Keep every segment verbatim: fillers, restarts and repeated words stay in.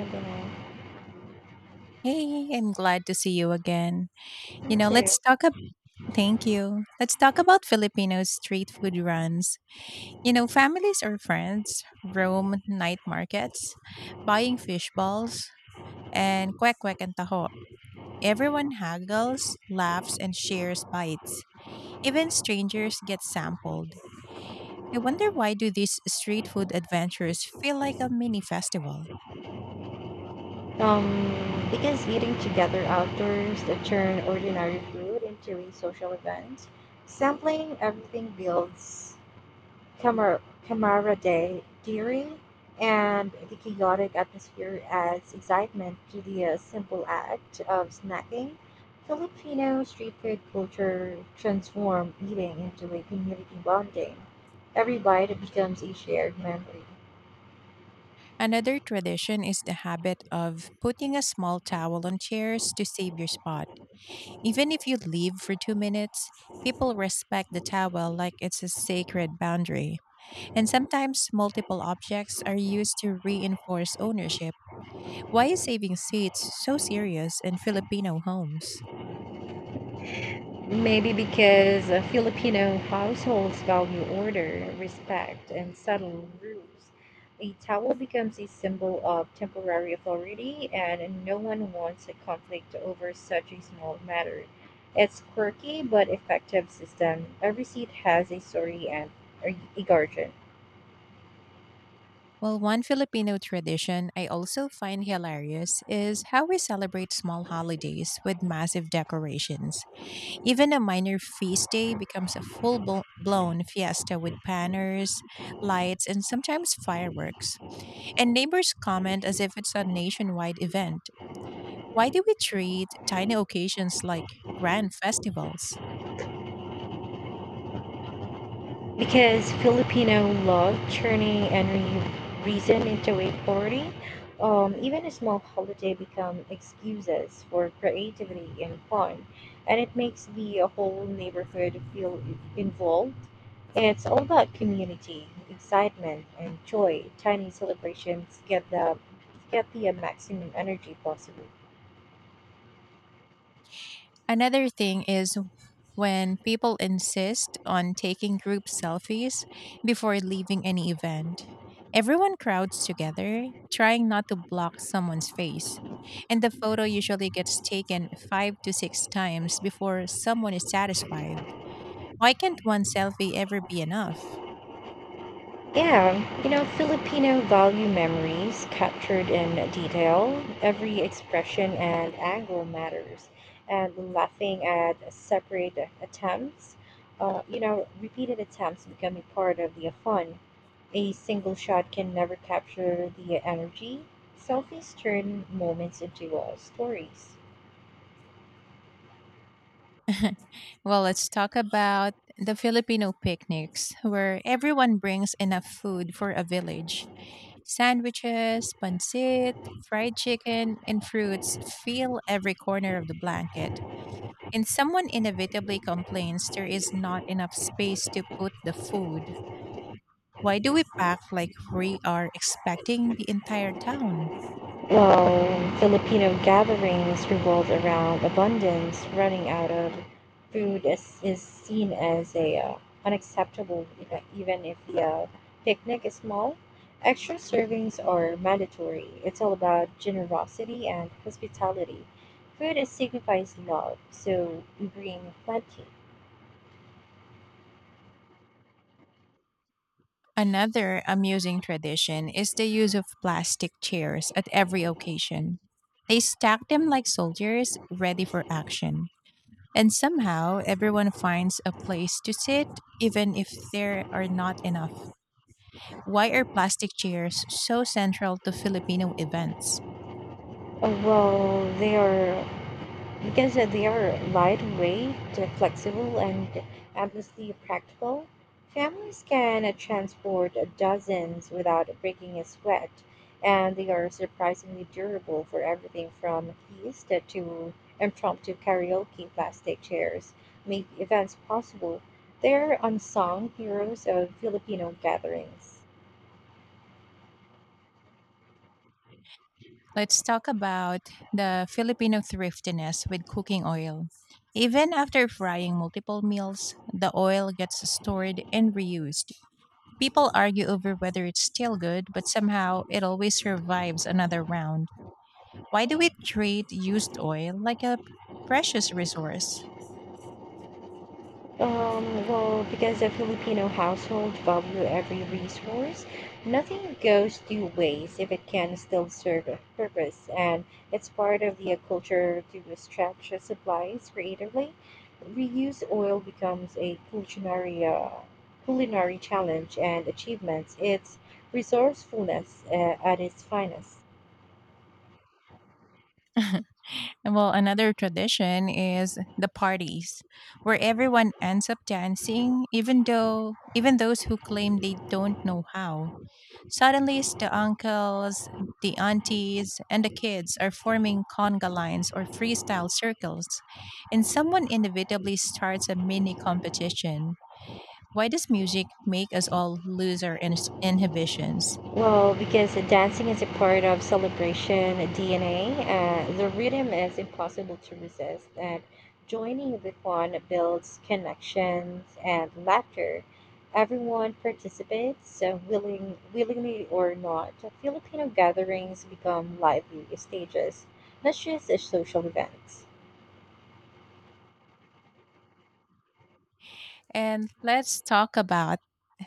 I don't Hey, I'm glad to see you again. know. You Me know, too. let's talk ab Thank you. Let's talk about Filipino street food runs. You know, families or friends roam night markets, buying fish balls and kwek-kwek and taho. Everyone haggles, laughs, and shares bites. Even strangers get sampled. I wonder, why do these street food adventures feel like a mini festival? Um, because eating together outdoors that turn ordinary food into a social event, sampling everything builds camar- camaraderie, and the chaotic atmosphere adds excitement to the uh, simple act of snacking. Filipino street food culture transforms eating into a community bonding. Every bite becomes a shared memory. Another tradition is the habit of putting a small towel on chairs to save your spot. Even if you leave for two minutes, people respect the towel like it's a sacred boundary. And sometimes multiple objects are used to reinforce ownership. Why is saving seats so serious in Filipino homes? Maybe because uh, Filipino households value order, respect, and subtle rules. A towel becomes a symbol of temporary authority, and no one wants a conflict over such a small matter. It's quirky but effective system. Every seat has a story and a a guardian. Well, one Filipino tradition I also find hilarious is how we celebrate small holidays with massive decorations. Even a minor feast day becomes a full blo- blown fiesta with banners, lights, and sometimes fireworks. And neighbors comment as if it's a nationwide event. Why do we treat tiny occasions like grand festivals? Because Filipino love turning any reason into a party. Um, even a small holiday become excuses for creativity and fun, and it makes the whole neighborhood feel involved. It's all about community, excitement, and joy. Tiny celebrations get the get the maximum energy possible. Another thing is when people insist on taking group selfies before leaving any event. Everyone crowds together, trying not to block someone's face. And the photo usually gets taken five to six times before someone is satisfied. Why can't one selfie ever be enough? Yeah, you know, Filipino value memories captured in detail. Every expression and angle matters. And laughing at separate attempts, uh, you know, repeated attempts becoming part of the fun. A single shot can never capture the energy. Selfies turn moments into uh, stories. Well, let's talk about the Filipino picnics, where everyone brings enough food for a village. Sandwiches, pancit, fried chicken, and fruits fill every corner of the blanket. And someone inevitably complains there is not enough space to put the food. Why do we pack like we are expecting the entire town? Well, Filipino gatherings revolved around abundance. Running out of food is, is seen as a uh, unacceptable, if- even if the uh, picnic is small. Extra servings are mandatory. It's all about generosity and hospitality. Food is signifies love, so bring plenty. Another amusing tradition is the use of plastic chairs at every occasion. They stack them like soldiers ready for action. And somehow everyone finds a place to sit, even if there are not enough. Why are plastic chairs so central to Filipino events? Uh, well, they are because they are lightweight, they're flexible, and endlessly practical. Families can transport dozens without breaking a sweat, and they are surprisingly durable for everything from feast to impromptu karaoke plastic chairs make events possible. They're unsung heroes of Filipino gatherings. Let's talk about the Filipino thriftiness with cooking oil. Even after frying multiple meals, the oil gets stored and reused. People argue over whether it's still good, but somehow it always survives another round. Why do we treat used oil like a precious resource? Um, well, because a Filipino household value every resource, nothing goes to waste if it can still serve a purpose, and it's part of the uh, culture to stretch supplies creatively. Reuse oil becomes a culinary, uh, culinary challenge and achievements. It's resourcefulness uh, at its finest. And well, another tradition is the parties, where everyone ends up dancing, even though even those who claim they don't know how. Suddenly, it's the uncles, the aunties, and the kids are forming conga lines or freestyle circles, and someone inevitably starts a mini competition. Why does music make us all lose our in- inhibitions? Well, because dancing is a part of celebration D N A, uh, the rhythm is impossible to resist, and joining the fun builds connections and laughter. Everyone participates, uh, willing, willingly or not. Filipino gatherings become lively stages not just as social events. And let's talk about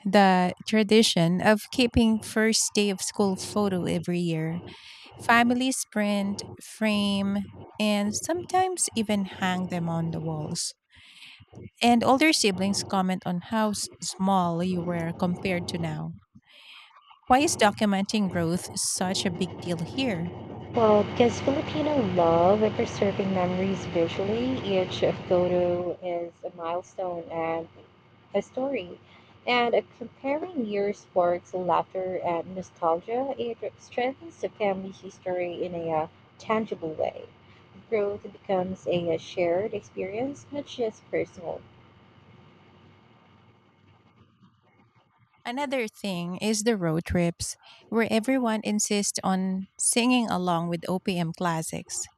the tradition of keeping first day of school photo every year. Families print, frame, and sometimes even hang them on the walls. And older siblings comment on how s- small you were compared to now. Why is documenting growth such a big deal here? Well, because Filipino love and preserving memories visually, each photo is a milestone and a story. And uh, comparing years sparks laughter and nostalgia. It strengthens the family history in a uh, tangible way. Growth becomes a, uh, shared experience, not just personal. Another thing is the road trips, where everyone insists on singing along with O P M classics.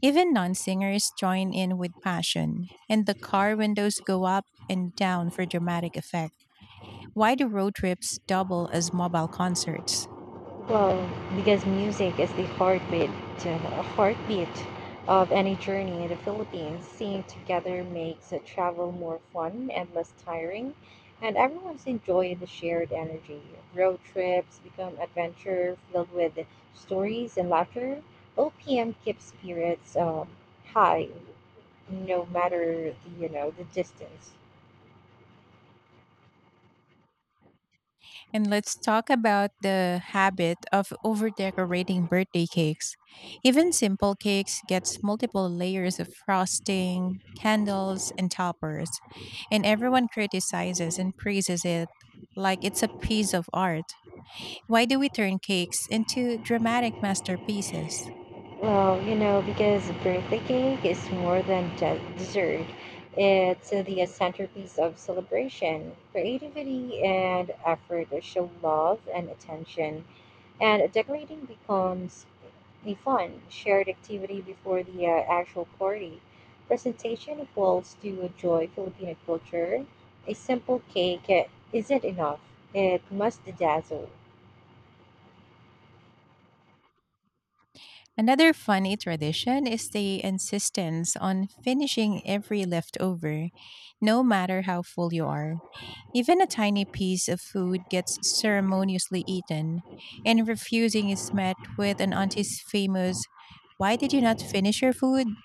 Even non singers join in with passion, and the car windows go up and down for dramatic effect. Why do road trips double as mobile concerts? Well, because music is the heartbeat, uh, heartbeat of any journey in the Philippines. Singing together makes a travel more fun and less tiring, and everyone's enjoying the shared energy. Road trips become adventure filled with stories and laughter. O P M keeps spirits um, high, no matter the, you know, the distance. And let's talk about the habit of overdecorating birthday cakes. Even simple cakes gets multiple layers of frosting, candles, and toppers, and everyone criticizes and praises it like it's a piece of art. Why do we turn cakes into dramatic masterpieces? Well, you know, because birthday cake is more than de- dessert. It's the centerpiece of celebration, creativity, and effort that show love and attention. And decorating becomes a fun, shared activity before the uh, actual party. Presentation equals to joy Filipino culture. A simple cake uh, isn't enough, it must dazzle. Another funny tradition is the insistence on finishing every leftover, no matter how full you are. Even a tiny piece of food gets ceremoniously eaten, and refusing is met with an auntie's famous, "Why did you not finish your food?"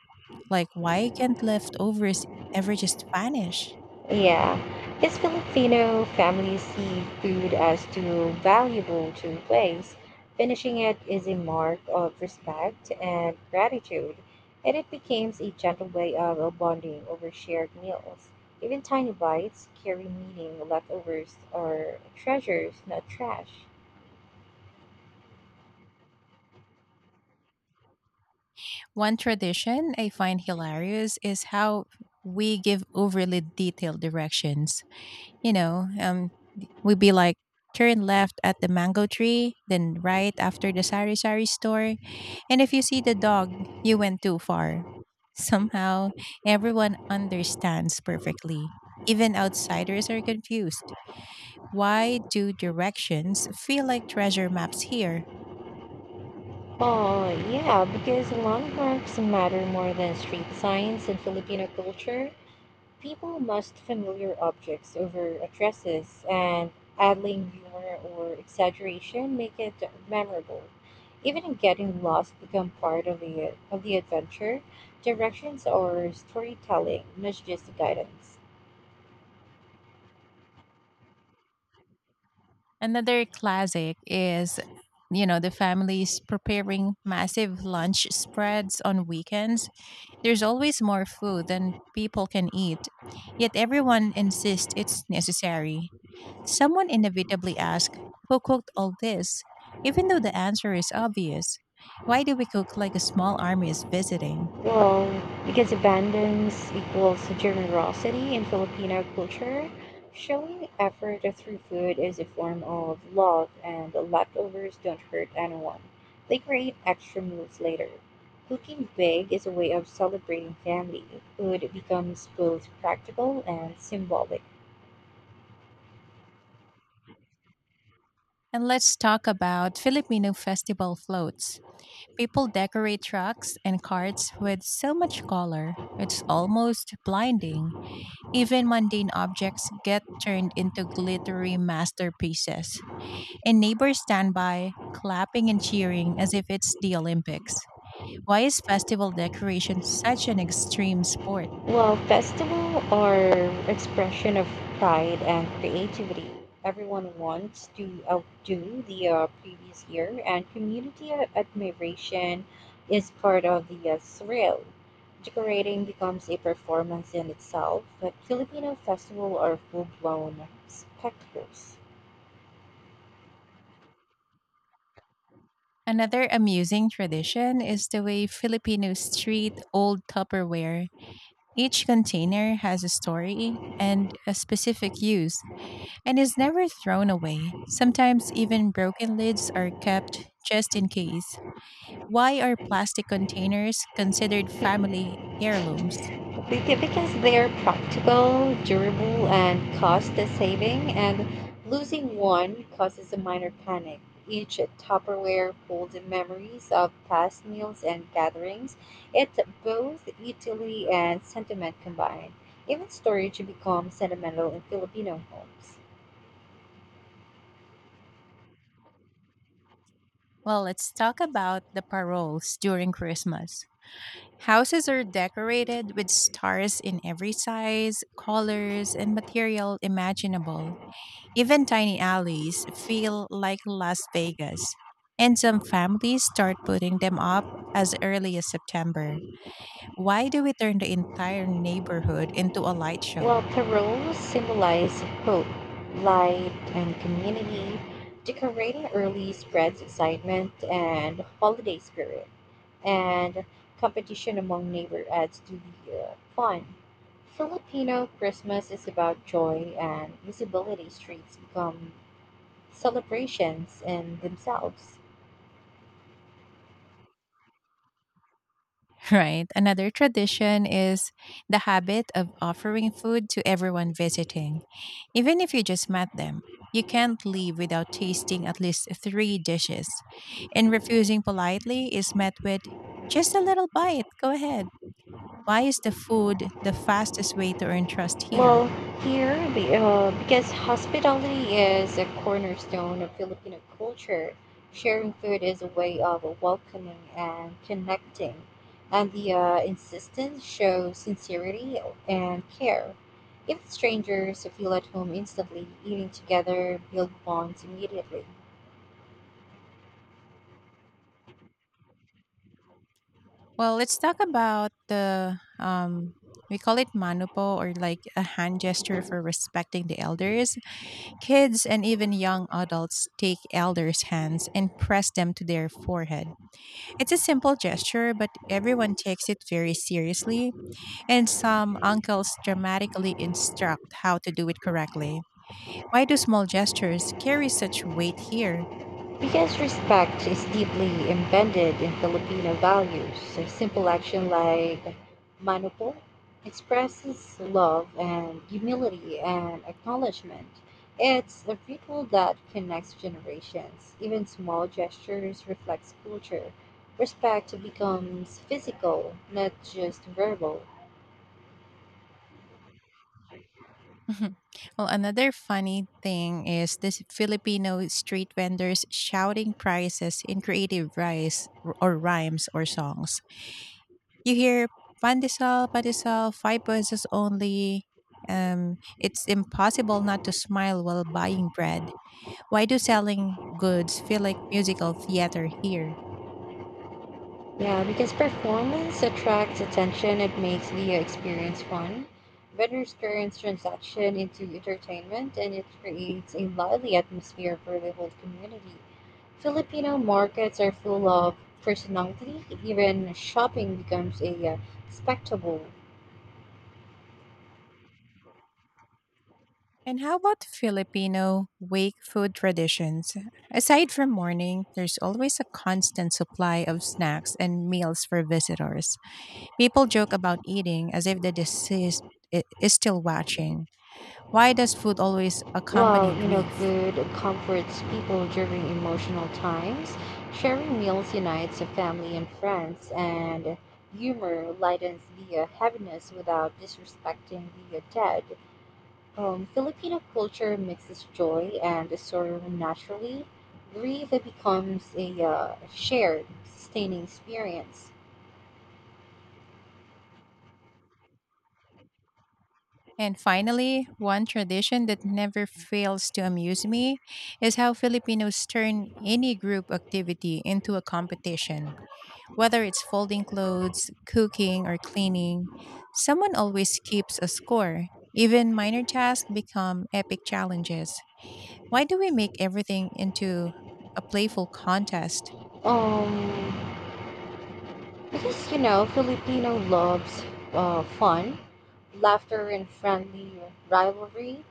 Like, why can't leftovers ever just vanish? Yeah, because Filipino families see food as too valuable to replace. Finishing it is a mark of respect and gratitude, and it becomes a gentle way of bonding over shared meals. Even tiny bites carry meaning, leftovers are treasures, not trash. One tradition I find hilarious is how we give overly detailed directions. You know, um, We'd be like, turn left at the mango tree, then right after the sari sari store. And if you see the dog, you went too far. Somehow, everyone understands perfectly. Even outsiders are confused. Why do directions feel like treasure maps here? Oh, yeah, because landmarks matter more than street signs in Filipino culture. People must familiar objects over addresses, and adding humor or exaggeration make it memorable. Even getting lost become part of the of the adventure. Directions or storytelling, not just guidance. Another classic is, you know, the families preparing massive lunch spreads on weekends. There's always more food than people can eat, yet everyone insists it's necessary. Someone inevitably asks, "Who cooked all this?" Even though the answer is obvious. Why do we cook like a small army is visiting? Well, because abundance equals generosity in Filipino culture, showing effort through food is a form of love, and leftovers don't hurt anyone. They create extra meals later. Cooking big is a way of celebrating family. Food becomes both practical and symbolic. And let's talk about Filipino festival floats. People decorate trucks and carts with so much color, it's almost blinding. Even mundane objects get turned into glittery masterpieces. And neighbors stand by, clapping and cheering as if it's the Olympics. Why is festival decoration such an extreme sport? Well, festival are expression of pride and creativity. Everyone wants to outdo the uh, previous year, and community a- admiration is part of the uh, thrill. Decorating becomes a performance in itself, but Filipino festival are full-blown spectacles. Another amusing tradition is the way Filipinos treat old Tupperware. Each container has a story and a specific use and is never thrown away. Sometimes even broken lids are kept just in case. Why are plastic containers considered family heirlooms? Be- Because they're practical, durable, and cost saving, and losing one causes a minor panic. Each Tupperware holds memories of past meals and gatherings. It's both utility and sentiment combined. Even storage becomes sentimental in Filipino homes. Well, let's talk about the paroles during Christmas. Houses are decorated with stars in every size, colors, and material imaginable. Even tiny alleys feel like Las Vegas. And some families start putting them up as early as September. Why do we turn the entire neighborhood into a light While show? Tarots symbolize hope, light, and community, decorating early spreads excitement and holiday spirit, and competition among neighbors adds to the uh, fun. Filipino Christmas is about joy and visibility. Streets become celebrations in themselves. Right. Another tradition is the habit of offering food to everyone visiting. Even if you just met them, you can't leave without tasting at least three dishes. And refusing politely is met with, "Just a little bite. Go ahead." Why is the food the fastest way to earn trust here? Well, here, be- uh, because hospitality is a cornerstone of Filipino culture, sharing food is a way of welcoming and connecting, and the uh, insistence shows sincerity and care. Even strangers feel at home instantly, eating together, build bonds immediately. Well, let's talk about the um we call it manupo, or like a hand gesture for respecting the elders. Kids and even young adults take elders' hands and press them to their forehead. It's a simple gesture, but everyone takes it very seriously, and some uncles dramatically instruct how to do it correctly. Why do small gestures carry such weight here? Because respect is deeply embedded in Filipino values, a simple action like manupo expresses love and humility and acknowledgement. It's a ritual that connects generations. Even small gestures reflects culture. Respect becomes physical, not just verbal. Mhm. Well, another funny thing is this Filipino street vendors shouting prices in creative rice r- or rhymes or songs. You hear, "Pandesal, pandesal, five pesos only." Um, it's impossible not to smile while buying bread. Why do selling goods feel like musical theater here? Yeah, because performance attracts attention, it makes the experience fun. Vendors turns transaction into entertainment, and it creates a lively atmosphere for the whole community. Filipino markets are full of personality, even shopping becomes a uh, spectacle. And how about Filipino wake food traditions? Aside from morning, there's always a constant supply of snacks and meals for visitors. People joke about eating as if the deceased i- is still watching. Why does food always Well, accompany you know, grief? food comforts people during emotional times. Sharing meals unites a family and friends, and humor lightens the uh, heaviness without disrespecting the uh, dead. Um, Filipino culture mixes joy and sorrow naturally. Grief becomes a uh, shared, sustaining experience. And finally, one tradition that never fails to amuse me is how Filipinos turn any group activity into a competition. Whether it's folding clothes, cooking, or cleaning, someone always keeps a score. Even minor tasks become epic challenges. Why do we make everything into a playful contest? Um, Because, you know, Filipino loves uh, fun, laughter, and friendly rivalry.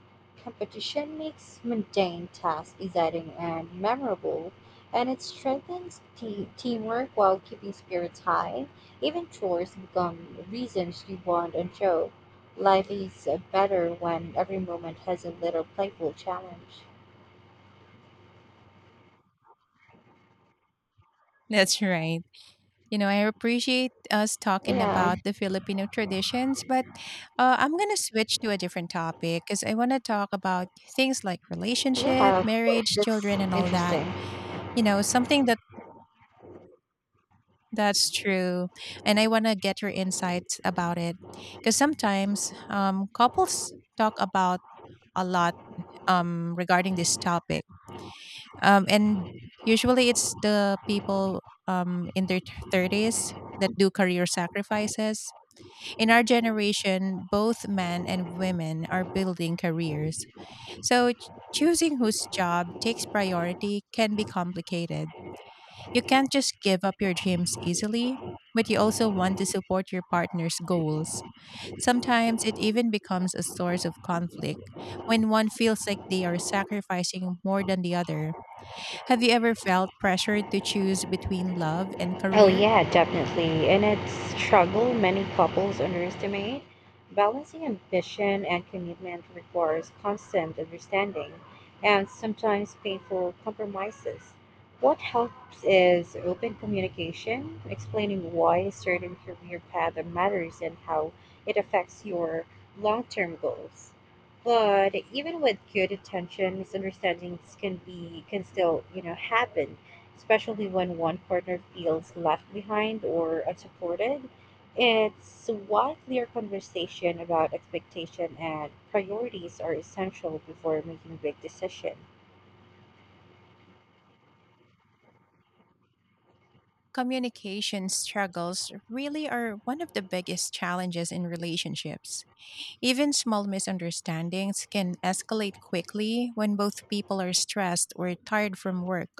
Competition makes mundane tasks exciting and memorable, and it strengthens te- teamwork while keeping spirits high. Even chores become reasons to bond and joke. Life is uh, better when every moment has a little playful challenge. That's right. You know, I appreciate us talking Yeah, about the Filipino traditions, but uh, I'm going to switch to a different topic because I want to talk about things like relationship, yeah, marriage, children, and that's all that. interesting. You know, something that that's true, and I want to get your insights about it because sometimes um, couples talk about a lot um, regarding this topic, um, and usually it's the people um, in their thirties that do career sacrifices. In our generation, both men and women are building careers. So ch- choosing whose job takes priority can be complicated. You can't just give up your dreams easily, but you also want to support your partner's goals. Sometimes it even becomes a source of conflict when one feels like they are sacrificing more than the other. Have you ever felt pressured to choose between love and Oh, career? yeah, definitely. And it's a struggle many couples underestimate. Balancing ambition and commitment requires constant understanding and sometimes painful compromises. What helps is open communication, explaining why a certain career path matters and how it affects your long term goals. But even with good intention, misunderstandings can be can still, you know, happen, especially when one partner feels left behind or unsupported. It's why clear conversation about expectation and priorities are essential before making big decisions. Communication struggles really are one of the biggest challenges in relationships. Even small misunderstandings can escalate quickly when both people are stressed or tired from work.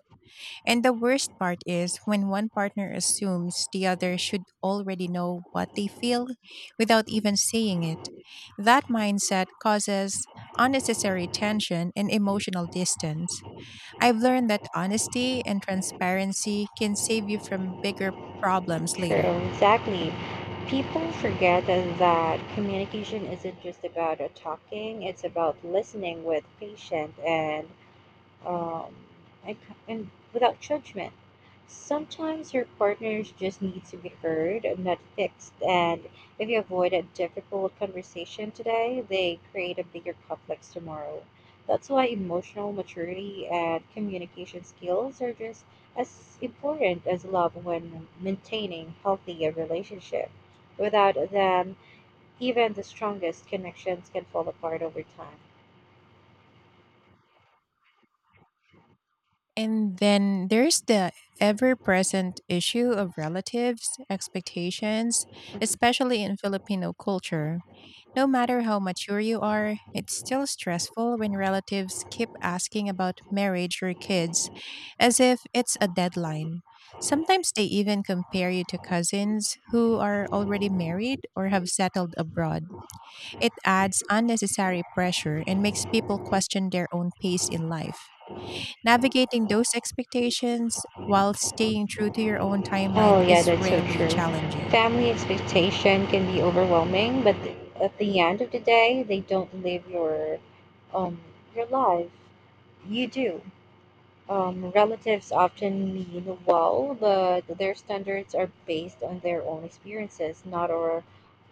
And the worst part is when one partner assumes the other should already know what they feel without even saying it. That mindset causes unnecessary tension and emotional distance. I've learned that honesty and transparency can save you from bigger problems True, later. exactly. People forget that communication isn't just about uh, talking, it's about listening with patience and um, and, and without judgment. Sometimes your partners just need to be heard, not fixed. And if you avoid a difficult conversation today, they create a bigger conflict tomorrow. That's why emotional maturity and communication skills are just as important as love when maintaining healthy relationship. Without them, even the strongest connections can fall apart over time. And then there's the ever present issue of relatives, expectations, especially in Filipino culture. No matter how mature you are, it's still stressful when relatives keep asking about marriage or kids as if it's a deadline. Sometimes they even compare you to cousins who are already married or have settled abroad. It adds unnecessary pressure and makes people question their own pace in life. Navigating those expectations while staying true to your own timeline Oh, yeah, is that's so rarely true. challenging. Family expectation can be overwhelming, but th- at the end of the day, they don't live your um your life. You do. Um, relatives often mean well, but their standards are based on their own experiences, not or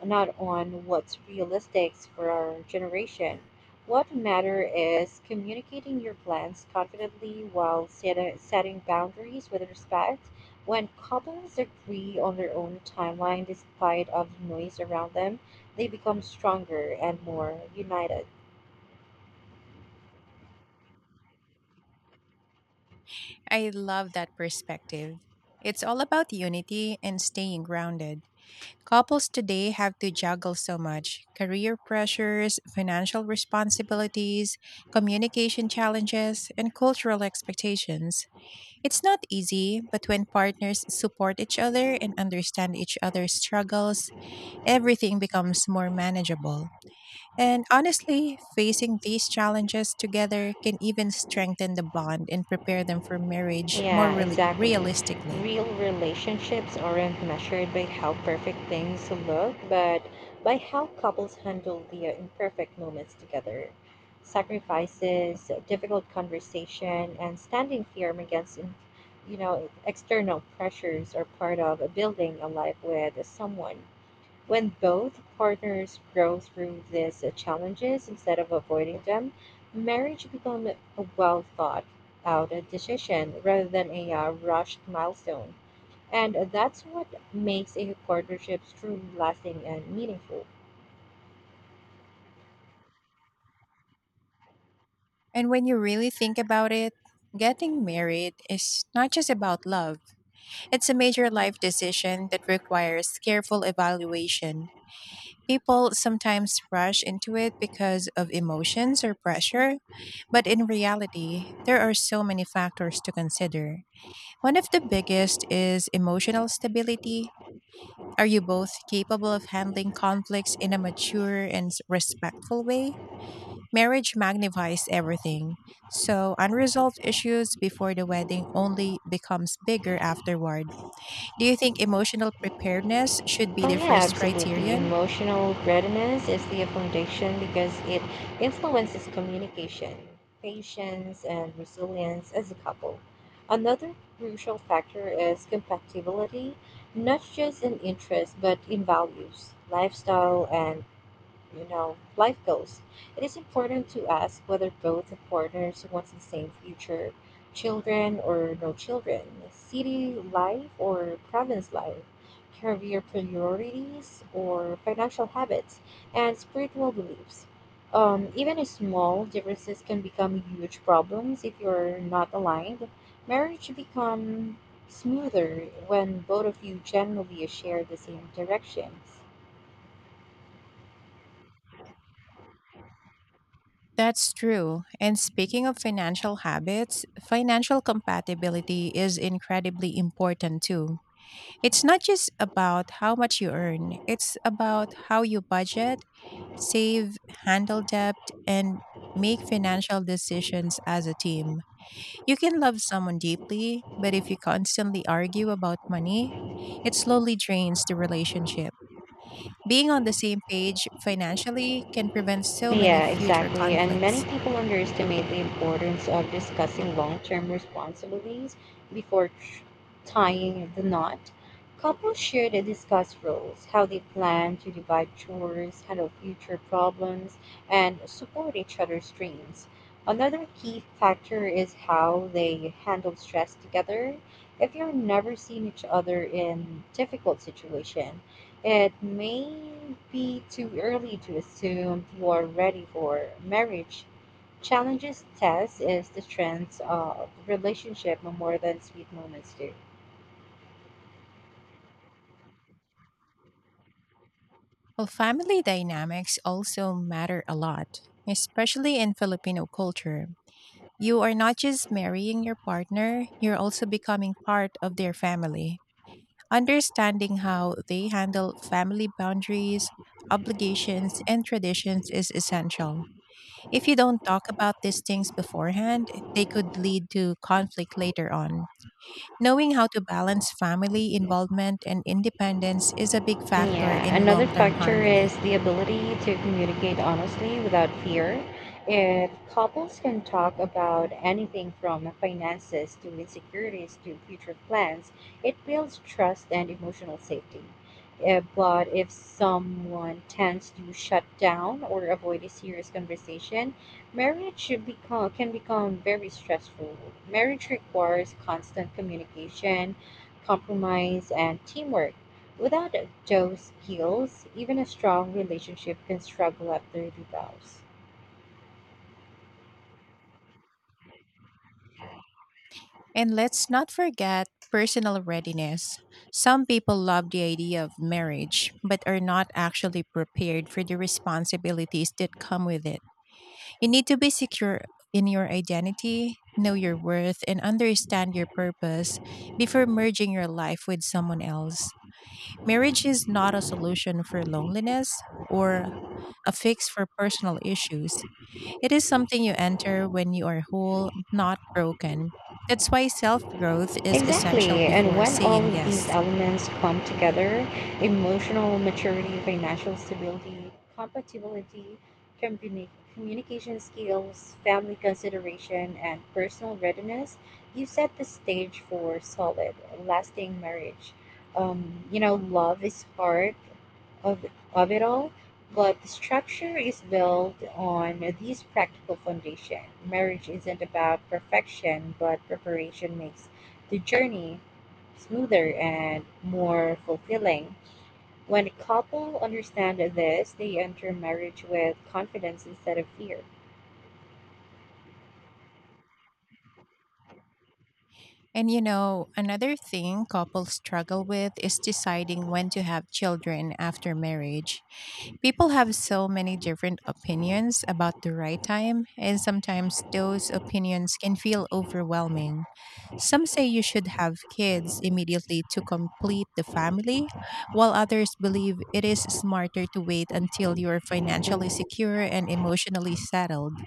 not on what's realistic for our generation. What matter is communicating your plans confidently while set, setting boundaries with respect. When couples agree on their own timeline despite of the noise around them, they become stronger and more united. I love that perspective. It's all about unity and staying grounded. Couples today have to juggle so much: career pressures, financial responsibilities, communication challenges, and cultural expectations. It's not easy, but when partners support each other and understand each other's struggles, everything becomes more manageable. And honestly, facing these challenges together can even strengthen the bond and prepare them for marriage more Yeah, reali- exactly. realistically. Real relationships aren't measured by how perfect things look, but by how couples handle the imperfect moments together. Sacrifices, difficult conversation, and standing firm against, in- you know, external pressures are part of building a life with someone. When both partners grow through these uh, challenges instead of avoiding them, marriage becomes a well thought out uh, decision rather than a uh, rushed milestone. And that's what makes a partnership truly lasting and meaningful. And when you really think about it, getting married is not just about love, it's a major life decision that requires careful evaluation. People sometimes rush into it because of emotions or pressure, but in reality, there are so many factors to consider. One of the biggest is emotional stability. Are you both capable of handling conflicts in a mature and s- respectful way? Marriage magnifies everything. So, unresolved issues before the wedding only becomes bigger afterward. Do you think emotional preparedness should be Oh the yeah, first absolutely. criterion? Emotional readiness is the foundation because it influences communication, patience, and resilience as a couple. Another crucial factor is compatibility, not just in interests but in values, lifestyle, and you know, life goes. It is important to ask whether both the partners wants the same future, children or no children, city life or province life, career priorities or financial habits, and spiritual beliefs. Um, even a small differences can become huge problems if you're not aligned. Marriage become smoother when both of you generally share the same directions. That's true. And speaking of financial habits, financial compatibility is incredibly important too. It's not just about how much you earn, it's about how you budget, save, handle debt, and make financial decisions as a team. You can love someone deeply, but if you constantly argue about money, it slowly drains the relationship. Being on the same page financially can prevent so many Yeah, future exactly. And many conflicts. people underestimate the importance of discussing long term responsibilities before tr- tying the knot. Couples should discuss roles, how they plan to divide chores, handle future problems, and support each other's dreams. Another key factor is how they handle stress together. If you're never seeing each other in difficult situation, it may be too early to assume you are ready for marriage. Challenges test is the strength of relationship more than sweet moments do. Well, family dynamics also matter a lot, especially in Filipino culture. You are not just marrying your partner, you're also becoming part of their family. Understanding how they handle family boundaries, obligations, and traditions is essential. If you don't talk about these things beforehand, they could lead to conflict later on. Knowing how to balance family involvement and independence is a big factor Yeah, in another long term factor harmony. is the ability to communicate honestly without fear. If couples can talk about anything from finances to insecurities to future plans, it builds trust and emotional safety. Uh, but if someone tends to shut down or avoid a serious conversation, marriage should become can become very stressful. Marriage requires constant communication, compromise, and teamwork. Without Joe's skills, even a strong relationship can struggle after divorce. And let's not forget personal readiness. Some people love the idea of marriage, but are not actually prepared for the responsibilities that come with it. You need to be secure in your identity, know your worth, and understand your purpose before merging your life with someone else. Marriage is not a solution for loneliness or a fix for personal issues. It is something you enter when you are whole, not broken. That's why self growth is essential Exactly. And before when all saying of these yes. elements come together, emotional maturity, financial stability, compatibility, communi- communication skills, family consideration, and personal readiness, you set the stage for solid, lasting marriage. Um, you know, love is hard, of, of it all, but the structure is built on these practical foundation. Marriage isn't about perfection, but preparation makes the journey smoother and more fulfilling. When a couple understand this, they enter marriage with confidence instead of fear. And you know, another thing couples struggle with is deciding when to have children after marriage. People have so many different opinions about the right time, and sometimes those opinions can feel overwhelming. Some say you should have kids immediately to complete the family, while others believe it is smarter to wait until you're financially secure and emotionally settled.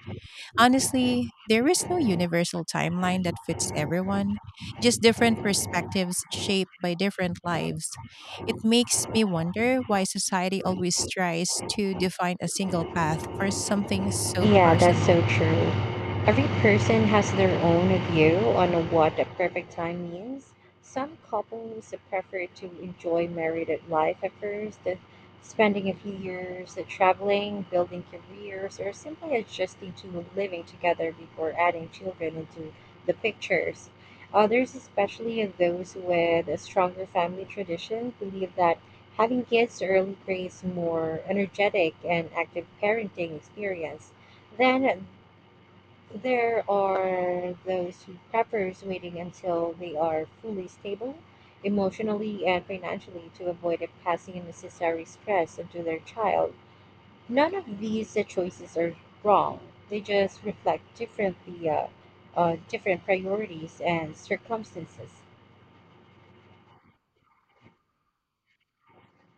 Honestly, there is no universal timeline that fits everyone, just different perspectives shaped by different lives. It makes me wonder why society always tries to define a single path for something so Yeah, that's so personal. true. Every person has their own view on what the perfect time means. Some couples prefer to enjoy married life at first, uh, spending a few years uh, traveling, building careers, or simply adjusting to living together before adding children into the pictures. Others, especially those with a stronger family tradition, believe that having kids early creates more energetic and active parenting experience, then there are those who prefer waiting until they are fully stable, emotionally and financially, to avoid passing unnecessary stress onto their child. None of these uh, choices are wrong. They just reflect differently, uh, uh, different priorities and circumstances.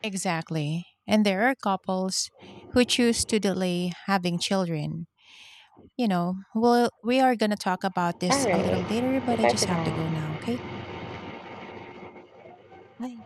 Exactly. And there are couples who choose to delay having children. You know, well, we are going to talk about All this a little later, right. but I Goodbye just for have to go now. now, okay? Bye.